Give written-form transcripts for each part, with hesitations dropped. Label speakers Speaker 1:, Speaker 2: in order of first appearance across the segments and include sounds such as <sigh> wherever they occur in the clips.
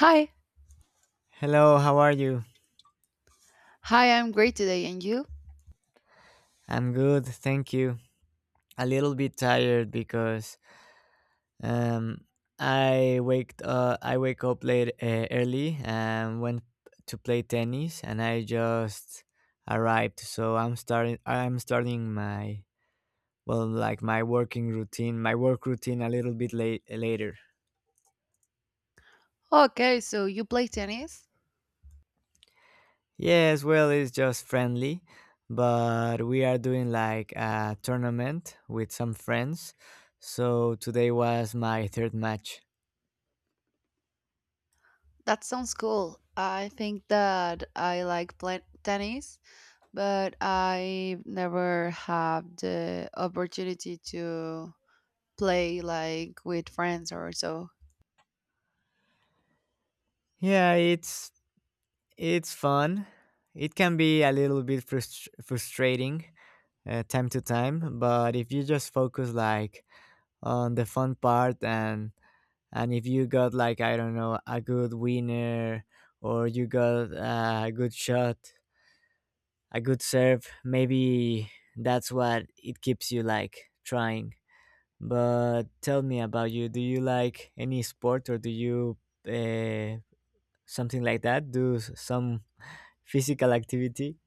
Speaker 1: Hi.
Speaker 2: Hello, how are you?
Speaker 1: Hi, I'm great today. And you?
Speaker 2: I'm good, thank you. A little bit tired because um I wake up late early and went to play tennis and I just arrived. So I'm starting my my work routine a little bit late later.
Speaker 1: Okay, so you play tennis?
Speaker 2: Yes, well, it's just friendly, but we are doing like a tournament with some friends. So today was my third match.
Speaker 1: That sounds cool. I think that I like play tennis, but I never have the opportunity to play like with friends or so.
Speaker 2: Yeah, it's fun. It can be a little bit frustrating time to time, but if you just focus like on the fun part and if you got like I don't know a good winner or you got a good shot, a good serve, maybe that's what it keeps you like trying. But tell me about you. Do you like any sport or do you uh, something like that? Do some physical activity.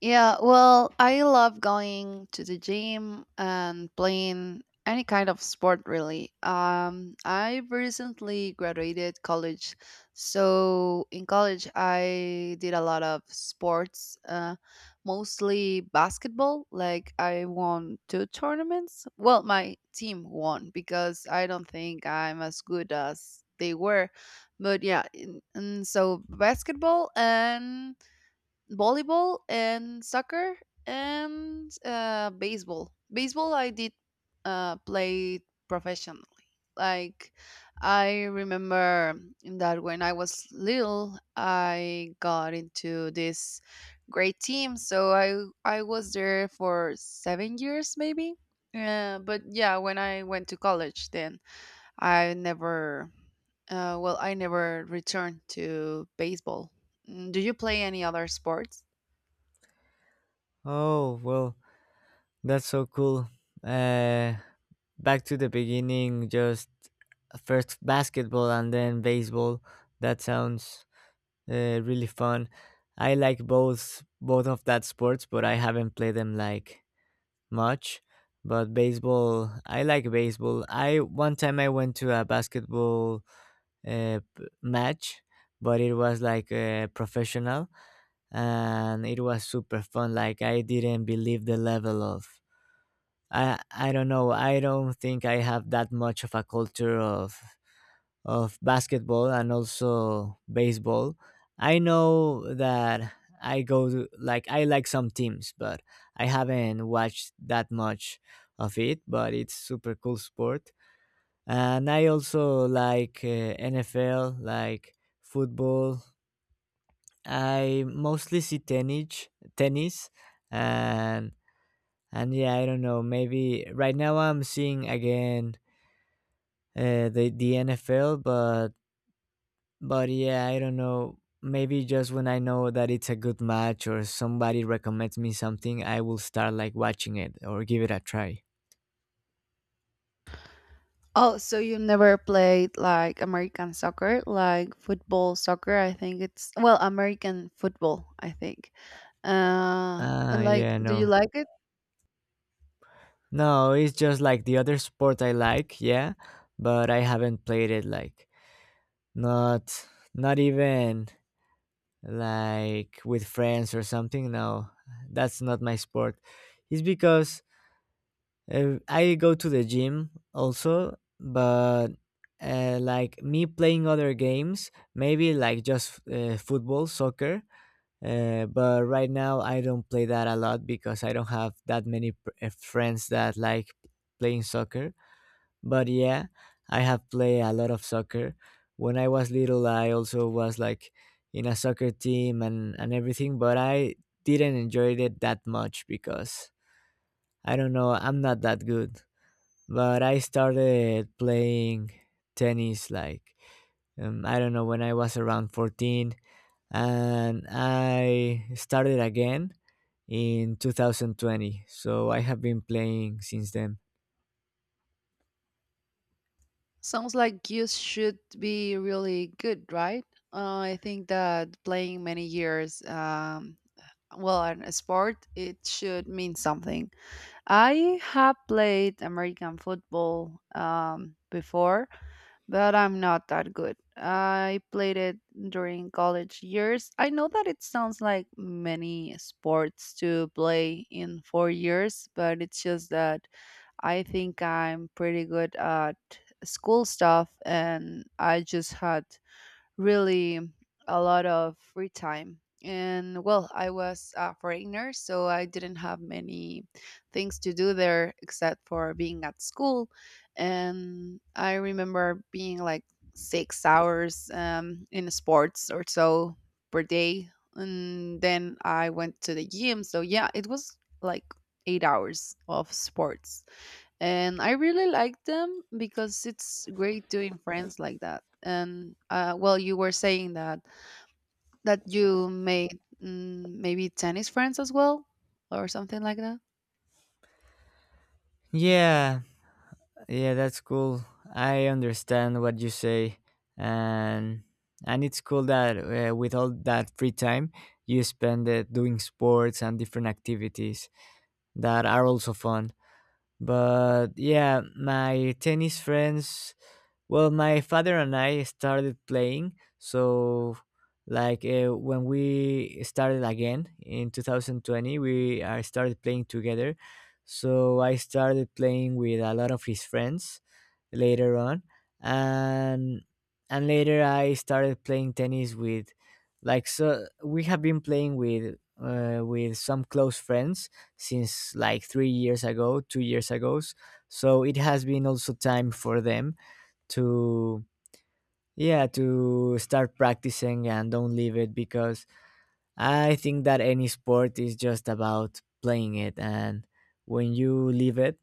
Speaker 1: Yeah, well, I love going to the gym and playing any kind of sport, really. I recently graduated college, so in college I did a lot of sports, mostly basketball. Like I won two tournaments. Well, my team won because I don't think I'm as good as they were, but yeah, and so basketball and volleyball and soccer and baseball. Baseball I did play professionally. Like I remember that when I was little, I got into this great team. So I was there for 7 years maybe. But yeah, when I went to college, then I never, I never returned to baseball. Mm, do you play any other sports?
Speaker 2: Oh, well, that's so cool. Uh, Back to the beginning, just first basketball and then baseball. That sounds really fun. I like both of that sports, but I haven't played them like much. But baseball, I like baseball. I One time I went to a basketball match, but it was like professional and it was super fun. Like I didn't believe the level of I don't know. I don't think I have that much of a culture of basketball and also baseball. I know that I go to, like I like some teams, but I haven't watched that much of it. But it's super cool sport, and I also like NFL, like football. I mostly see tennis, and yeah, I don't know. Maybe right now I'm seeing again the NFL, but yeah, I don't know. Maybe just when I know that it's a good match or somebody recommends me something, I will start like watching it or give it a try.
Speaker 1: Oh, so you never played like American soccer, like football soccer? I think it's well, American football, I think.
Speaker 2: Ah,
Speaker 1: And, like,
Speaker 2: yeah,
Speaker 1: do you
Speaker 2: no,
Speaker 1: like it?
Speaker 2: no, it's just like the other sport I like, yeah, but I haven't played it like not not even like with friends or something. No, that's not my sport. It's because I go to the gym also, but like me playing other games, maybe like just football, soccer. But right now I don't play that a lot because I don't have that many friends that like playing soccer. But yeah, I have played a lot of soccer. When I was little, I also was like in a soccer team and everything, but I didn't enjoy it that much because I don't know, I'm not that good. But I started playing tennis like, I don't know, when I was around 14, and I started again in 2020. So I have been playing since then.
Speaker 1: Sounds like you should be really good, right? I think that playing many years, well, on a sport, it should mean something. I have played American football before, but I'm not that good. I played it during college years. I know that it sounds like many sports to play in four years, but it's just that I think I'm pretty good at school stuff and I just had really a lot of free time. And well, I was a foreigner, so I didn't have many things to do there except for being at school. And I remember being like 6 hours in sports or so per day. And then I went to the gym. So yeah, it was like 8 hours of sports and I really like them because it's great doing friends like that. And well, you were saying that you made maybe tennis friends as well, or something like that.
Speaker 2: Yeah, Yeah, that's cool. I understand what you say, and it's cool that with all that free time you spend it doing sports and different activities that are also fun. But yeah, my tennis friends. Well, my father and I started playing, so like when we started again in 2020, we I started playing together. So I started playing with a lot of his friends later on and later I started playing tennis with like, so we have been playing with some close friends since like 3 years ago, 2 years ago, so it has been also time for them to yeah to start practicing and don't leave it, because I think that any sport is just about playing it, and when you leave it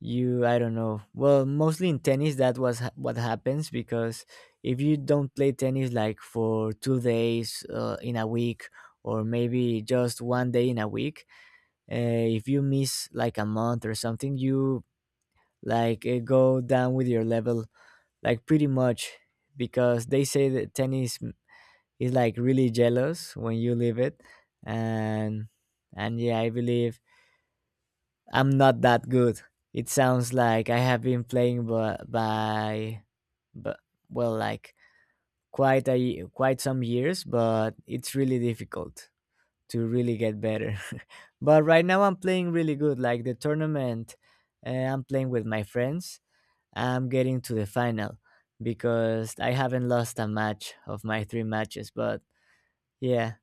Speaker 2: you I don't know, well mostly in tennis that was what happens, because if you don't play tennis like for 2 days in a week or maybe just one day in a week, uh, if you miss like a month or something you like go down with your level like pretty much, because they say that tennis is like really jealous when you leave it. And and Yeah, I believe I'm not that good. It sounds like I have been playing by but, well, like quite a quite some years, but it's really difficult to really get better. <laughs> But right now I'm playing really good. Like the tournament, I'm playing with my friends. I'm getting to the final because I haven't lost a match of my three matches. But yeah,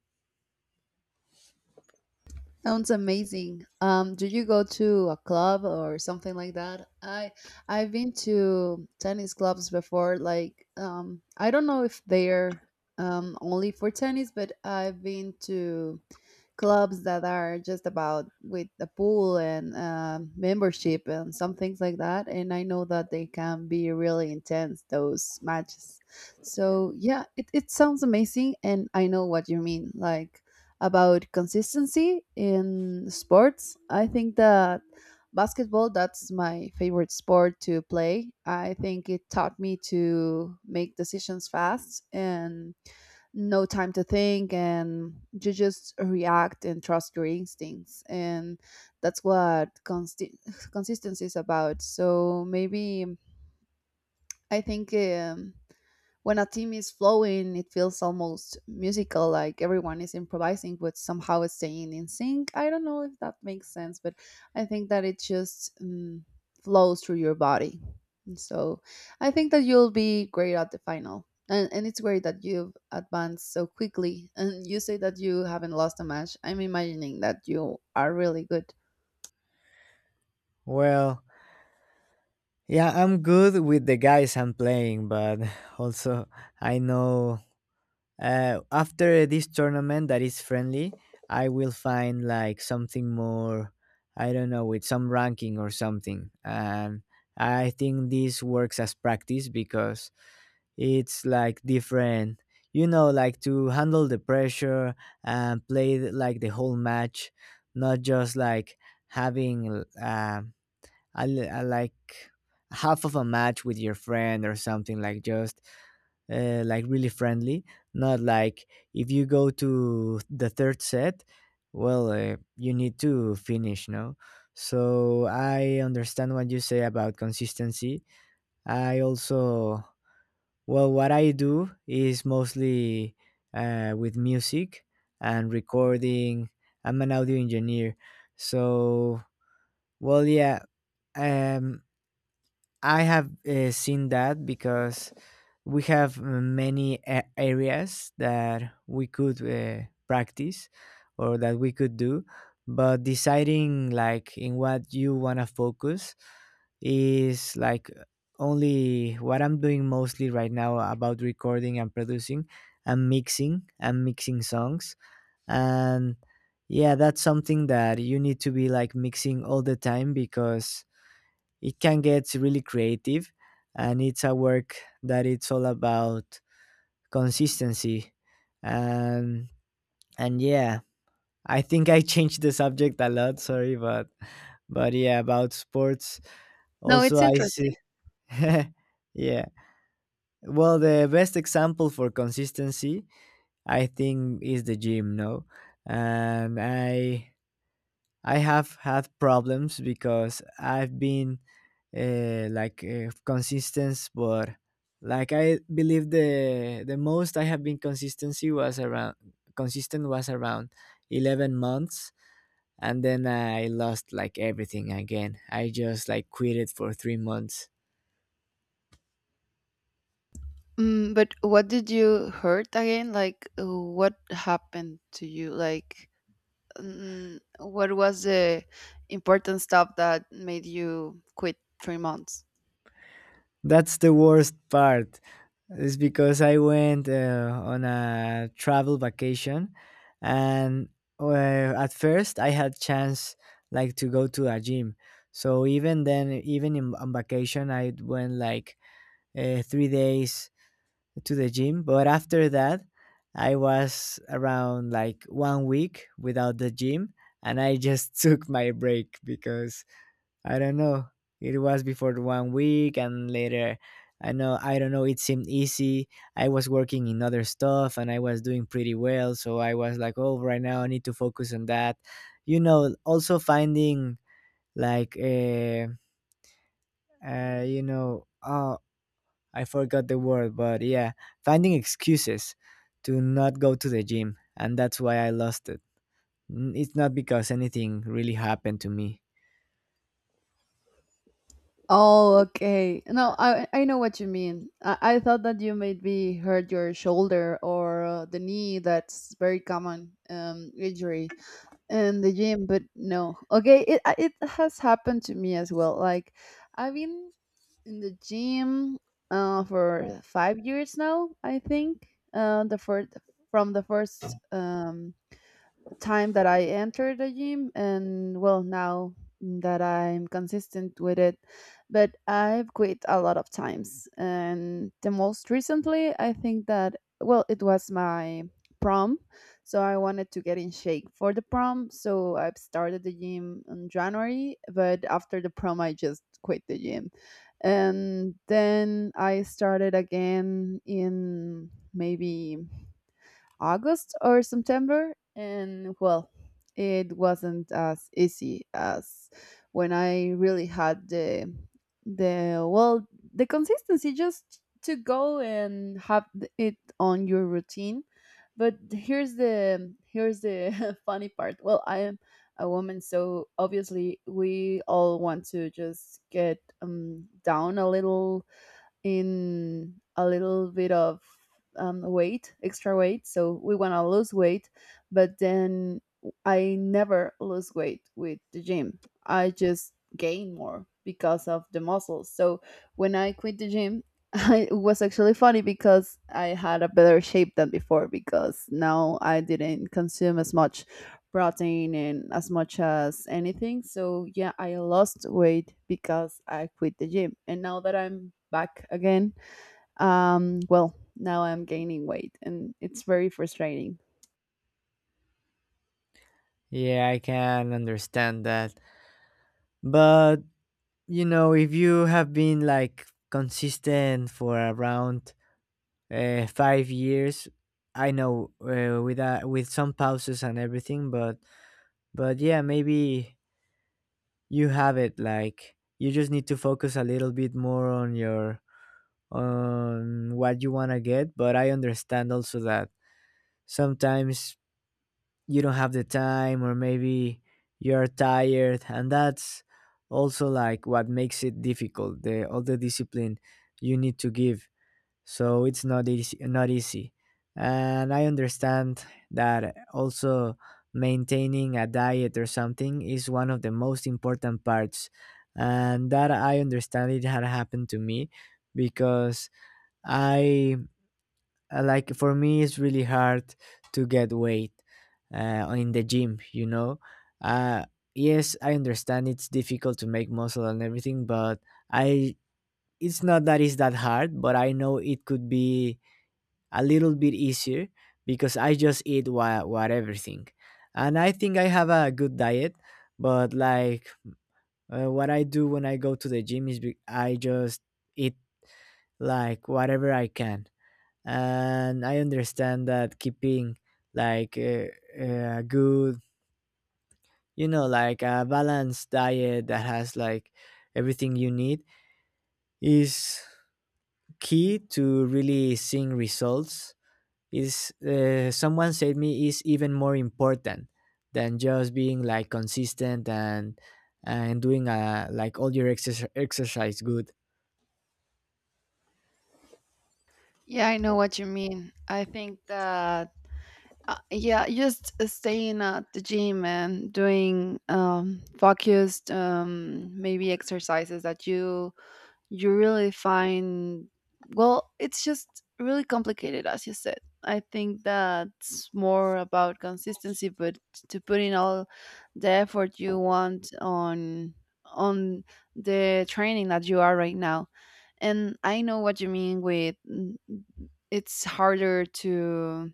Speaker 1: Sounds amazing. Do you go to a club or something like that? I've been to tennis clubs before. Like, I don't know if they're only for tennis, but I've been to clubs that are just about with a pool and membership and some things like that. And I know that they can be really intense those matches. So yeah, it sounds amazing, and I know what you mean. Like about consistency in sports, I think that basketball that's my favorite sport to play. I think it taught me to make decisions fast and no time to think and you just react and trust your instincts and that's what <laughs> consistency is about. So maybe I think when a team is flowing, it feels almost musical, like everyone is improvising but somehow staying in sync. I don't know if that makes sense, but I think that it just flows through your body. And so I think that you'll be great at the final. And it's great that you've advanced so quickly. And you say that you haven't lost a match. I'm imagining that you are really good.
Speaker 2: well, yeah, I'm good with the guys I'm playing, but <laughs> also I know after this tournament that is friendly I will find like something more, I don't know, with some ranking or something. And I think this works as practice because it's like different, you know, like to handle the pressure and play like the whole match, not just like having like half of a match with your friend or something, like just like really friendly. Not like if you go to the third set, well, you need to finish, no? So I understand what you say about consistency. I also, well, what I do is mostly with music and recording. I'm an audio engineer. So, well, yeah. Um, I have seen that because we have many areas that we could practice or that we could do, but deciding like in what you want to focus is like only what I'm doing mostly right now, about recording and producing and mixing, and mixing songs. And yeah, that's something that you need to be like mixing all the time, because it can get really creative, and it's a work that it's all about consistency. And yeah, I think I <laughs> changed the subject a lot, sorry, but yeah, about sports
Speaker 1: No,
Speaker 2: also
Speaker 1: it's
Speaker 2: I see.
Speaker 1: interesting.
Speaker 2: <laughs> Yeah, well, the best example for consistency, I think, is the gym, no? And I have had problems because I've been consistence, but like I believe the most I have been consistency was around consistent was around 11 months, and then I lost like everything again. I just like quit it for 3 months.
Speaker 1: Mm, but what did you hurt again? Like, what happened to you? Like, what was the important stuff that made you quit 3 months?
Speaker 2: That's the worst part. Is because I went on a travel vacation, and at first I had chance like to go to a gym. So even then, even in, on vacation, I went like 3 days to the gym. But after that, I was around like 1 week without the gym, and I just <laughs> took my break because I don't know. It was before the 1 week, and later I know, I don't know, it seemed easy. I was working in other stuff and I was doing pretty well, so I was like, "Oh, right now I need to focus on that." You know, also finding like you know, oh, I forgot the word, but yeah, finding excuses to not go to the gym, and that's why I lost it. It's not because anything really happened to me.
Speaker 1: Oh, okay. No, I know what you mean. I thought that you maybe hurt your shoulder or the knee. That's very common injury in the gym, but no. Okay, it has happened to me as well. Like I've been in the gym for 5 years now. I think the first from the first time that I entered the gym and well now that I'm consistent with it but I've quit a lot of times and the most recently I think that well it was my prom, so I wanted to get in shape for the prom, so I've started the gym in January, but after the prom I just quit the gym and then I started again in maybe August or September. And well, it wasn't as easy as when I really had the well the consistency just to go and have it on your routine. But here's the <laughs> funny part. Well, I am a woman, so obviously we all want to just get down a little in a little bit of weight, extra weight. So we want to lose weight, but then I never lose weight with the gym. I just gain more because of the muscles. So when I quit the gym, <laughs> it was actually funny because I had a better shape than before because now I didn't consume as much protein and as much as anything. So yeah, I lost weight because I quit the gym. And now that I'm back again, well, now I'm gaining weight and it's very frustrating.
Speaker 2: Yeah, I can understand that. But you know, if you have been like consistent for around 5 years, I know with some pauses and everything, but yeah, maybe you have it. Like you just need to focus a little bit more on your on what you want to get. But I understand also that sometimes you don't have the time, or maybe you're tired, and that's also like what makes it difficult, the all the discipline you need to give. So it's not easy, not easy. And I understand that also maintaining a diet or something is one of the most important parts. And that I understand, it had happened to me, because I like for me it's really hard to get weight in the gym, you know, uh, yes I understand it's difficult to make muscle and everything, but I it's not that it's that hard, but I know it could be a little bit easier because I just eat what everything, and I think I have a good diet, but like what I do when I go to the gym is I just eat like whatever I can. And I understand that keeping like a good, you know, like a balanced diet that has like everything you need is key to really seeing results. Is someone said me, is even more important than just being like consistent and doing like all your exercise good.
Speaker 1: Yeah, I know what you mean. I think that yeah, just staying at the gym and doing focused maybe exercises that you really find well it's just really complicated as you said. I think that's more about consistency but to put in all the effort you want on on the training that you are right now. And I know what you mean with it's harder to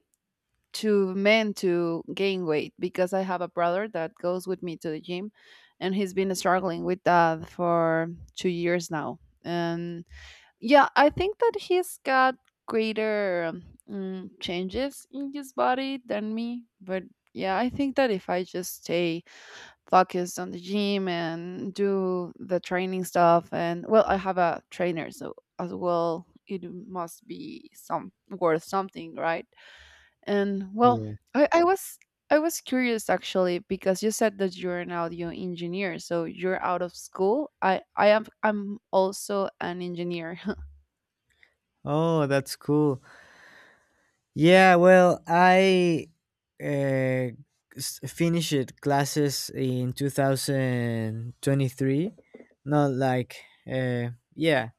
Speaker 1: to men to gain weight because I have a brother that goes with me to the gym and he's been struggling with that for 2 years now. And yeah, I think that he's got greater changes in his body than me. But yeah, I think that if I just stay focused on the gym and do the training stuff, and well, I have a trainer, so as well, it must be some worth something, right? And well,
Speaker 2: Yeah.
Speaker 1: I, I was I was curious actually because you said that you're an audio engineer, so you're out of school. I'm also an engineer. <laughs>
Speaker 2: Oh, that's cool. Yeah, well, I uh, finished classes in 2023. Not like, yeah,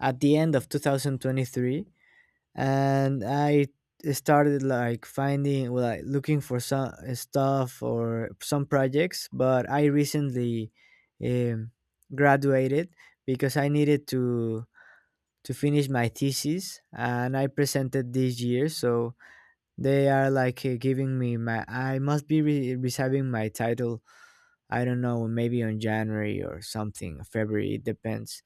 Speaker 2: at the end of 2023. And I started like finding, well, like looking for some stuff or some projects. But I recently um, graduated because I needed to finish my thesis and I presented this year. So, they are like giving me my. I must be receiving my title. I don't know, maybe on January or something, February. It depends.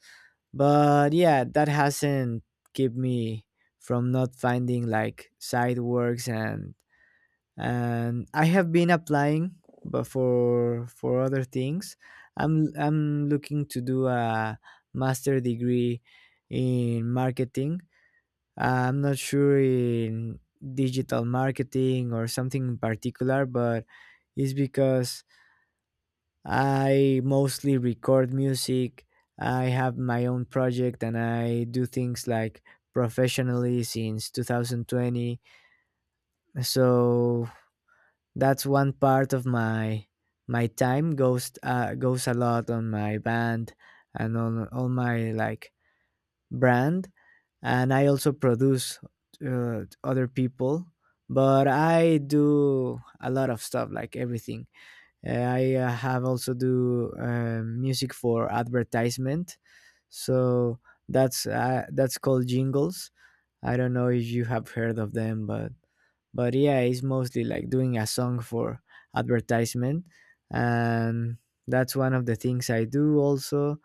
Speaker 2: But yeah, that hasn't kept me from not finding like side works and I have been applying, but for other things. I'm looking to do a master degree in marketing. I'm not sure in digital marketing or something in particular, but it's because I mostly record music. I have my own project and I do things like professionally since 2020. So that's one part of my time. Goes goes a lot on my band and on all my like brand, and I also produce other people. But I do a lot of stuff, like everything. I have also do music for advertisement, so that's called jingles. I don't know if you have heard of them, but yeah, it's mostly like doing a song for advertisement, and that's one of the things I do also.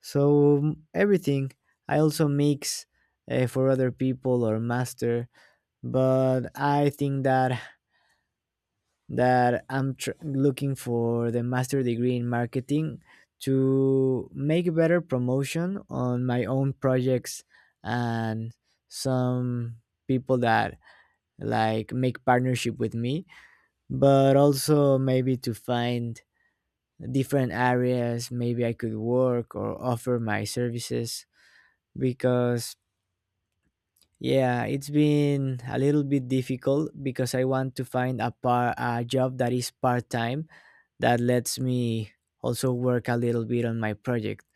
Speaker 2: So everything. I also mix for other people or master, but I think that looking for the master degree in marketing to make better promotion on my own projects and some people that like make partnership with me, but also maybe to find different areas maybe I could work or offer my services. Because yeah, it's been a little bit difficult because I want to find a par a job that is part time, that lets me also work a little bit on my project.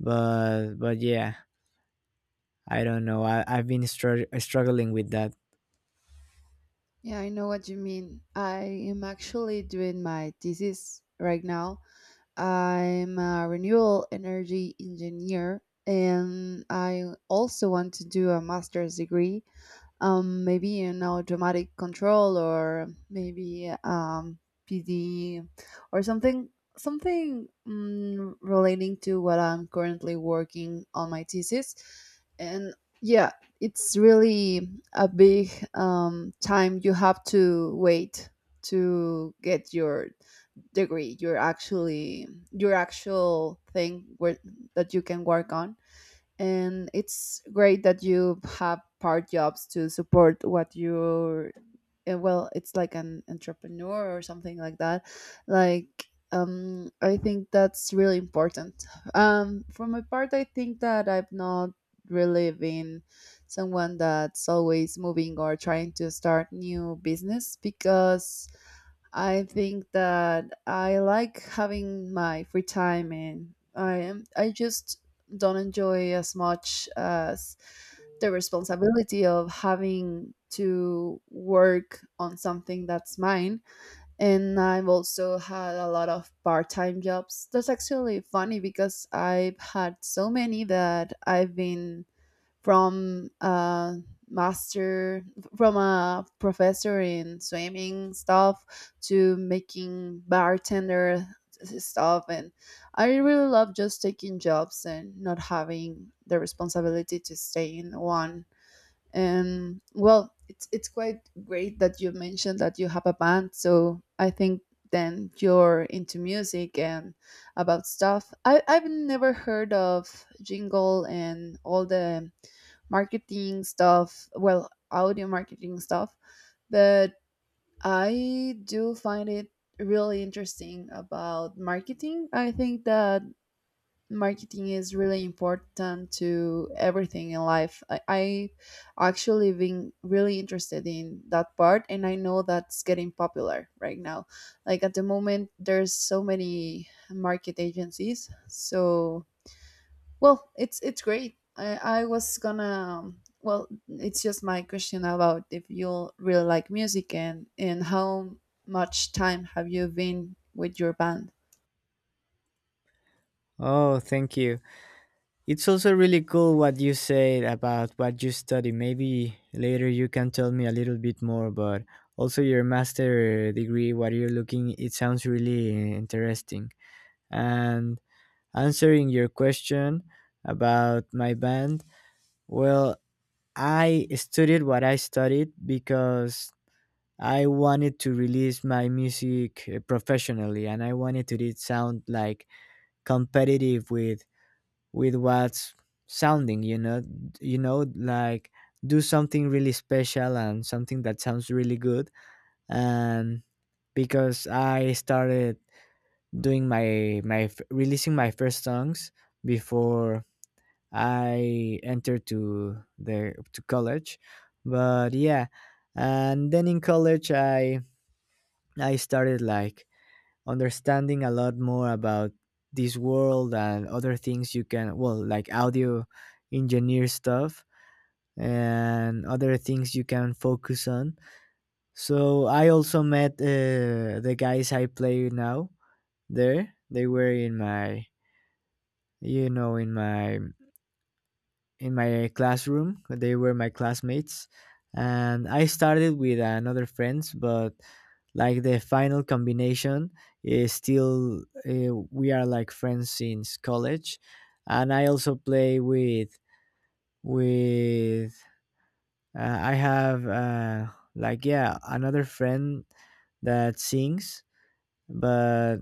Speaker 2: But yeah, I don't know. I've been struggling with that.
Speaker 1: Yeah, I know what you mean. I am actually doing my thesis right now. I'm a renewable energy engineer and I also want to do a master's degree, maybe you know dramatic control or maybe PD or something relating to what I'm currently working on my thesis. And yeah, it's really a big time you have to wait to get your degree, your actual thing where that you can work on. And it's great that you have part jobs to support what you well it's like an entrepreneur or something like that. Like I think that's really important. For my part I think that I've not really been someone that's always moving or trying to start new business because I think that I like having my free time and I just don't enjoy as much as the responsibility of having to work on something that's mine. And I've also had a lot of part time jobs. That's actually funny because I've had so many that I've been from a master, from a professor in swimming stuff to making bartender stuff, and I really love just taking jobs and not having the responsibility to stay in one. Well, it's quite great that you mentioned that you have a band. So I think then you're into music and about stuff. I've never heard of jingle and all the marketing stuff. Well, audio marketing stuff, but I do find it really interesting about marketing. I think that marketing is really important to everything in life. I actually been really interested in that part and I know that's getting popular right now. Like at the moment there's so many market agencies. So well it's great. I was gonna well it's just my question about if you really like music and how much time have you been with your band?
Speaker 2: Oh, thank you. It's also really cool what you said about what you study. Maybe later you can tell me a little bit more, but also your master degree, what you're looking, it sounds really interesting. And answering your question about my band, well, I studied what I studied because I wanted to release my music professionally, and I wanted to did sound like competitive with what's sounding, like do something really special and something that sounds really good. And because I started doing releasing my first songs before I entered to there to college, but yeah, and then in college I started like understanding a lot more about this world and other things you can, well, like audio engineer stuff and other things you can focus on. So I also met the guys I play now there. They were in my in my in my classroom. They were my classmates, and I started with another friends, but like the final combination is still we are like friends since college, and I also play with with I have like yeah another friend that sings, but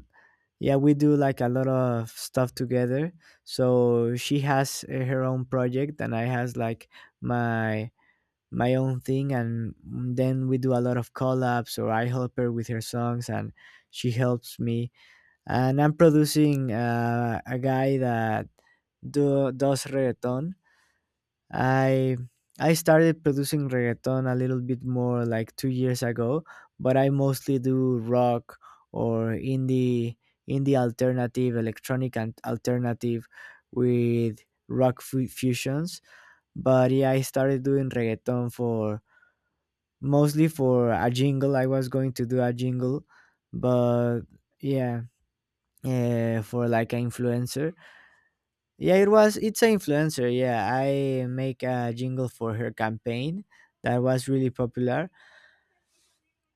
Speaker 2: yeah, we do like a lot of stuff together. So she has her own project and I has like my my own thing, and then we do a lot of collabs or I help her with her songs and she helps me. And I'm producing a guy that does reggaeton. I I started producing reggaeton a little bit more like 2 years ago, but I mostly do rock or indie alternative, electronic and alternative with fusions. But yeah, I started doing reggaeton for mostly for a jingle. I was going to do a jingle, but yeah, for like an influencer. Yeah, it was. It's an influencer. Yeah, I make a jingle for her campaign that was really popular,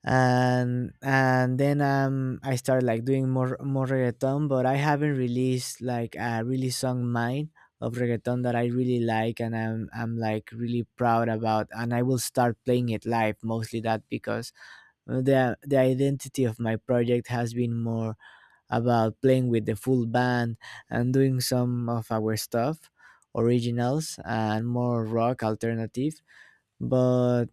Speaker 2: and then I started like doing more reggaeton, but I haven't released like a really song mine of reggaeton that I really like and I'm like really proud about, and I will start playing it live mostly that because the identity of my project has been more about playing with the full band and doing some of our stuff, originals and more rock alternative. But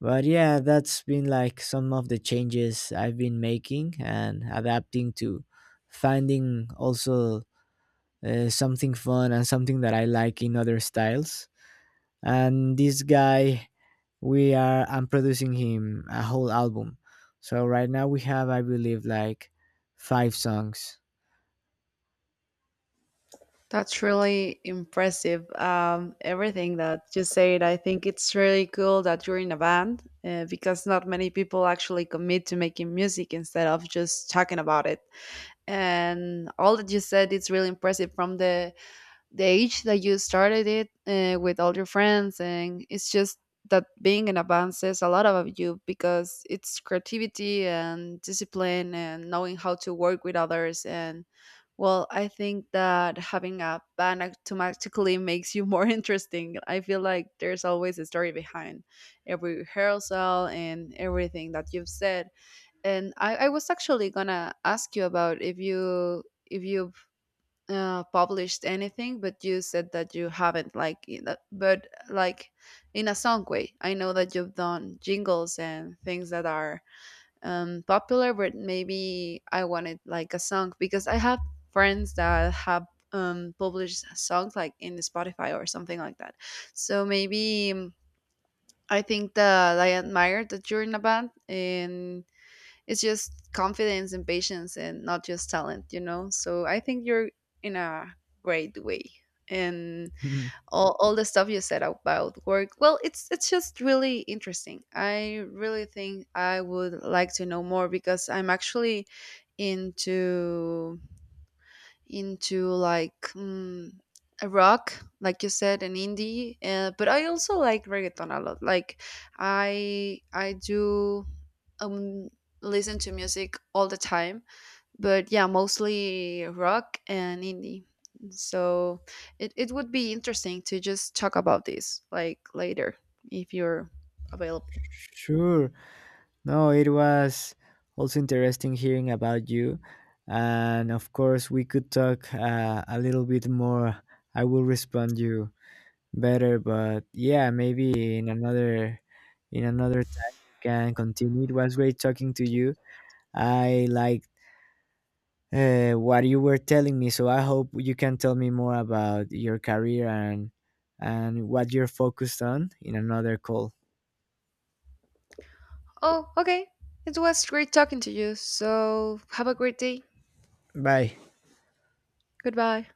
Speaker 2: but yeah, that's been like some of the changes I've been making and adapting to, finding also something fun and something that I like in other styles. And this guy, we are I'm producing him a whole album. So right now we have I believe like five songs.
Speaker 1: That's really impressive. Everything that you said, I think it's really cool that you're in a band because not many people actually commit to making music instead of just talking about it. And all that you said, it's really impressive from the age that you started it with all your friends. And it's just that being in a band says a lot about you because it's creativity and discipline and knowing how to work with others. And well, I think that having a band automatically makes you more <laughs> interesting. I feel like there's always a story behind every rehearsal and everything that you've said. I was actually gonna ask you about if you if you published anything, but you said that you haven't, like, but like in a song way. I know that you've done jingles and things that are popular, but maybe I wanted like a song because I have friends that have published songs like in Spotify or something like that. So maybe I think that I admire that you're in a band and it's just confidence and patience and not just talent, you know. So I think you're in a great way. And
Speaker 2: <laughs>
Speaker 1: all the stuff you said about work well it's just really interesting. I really think I would like to know more because I'm actually into into like a rock, like you said, an indie. But I also like reggaeton a lot. Like I do um listen to music all the time, but yeah, mostly rock and indie. So it would be interesting to just talk about this like later if you're available.
Speaker 2: Sure. No, it was also interesting hearing about you. And of course, we could talk a little bit more. I will respond you better, but yeah, maybe in another time we can continue. It was great talking to you. I liked what you were telling me, so I hope you can tell me more about your career and what you're focused on in another call.
Speaker 1: Oh, okay. It was great talking to you. So have a great day.
Speaker 2: Bye.
Speaker 1: Goodbye.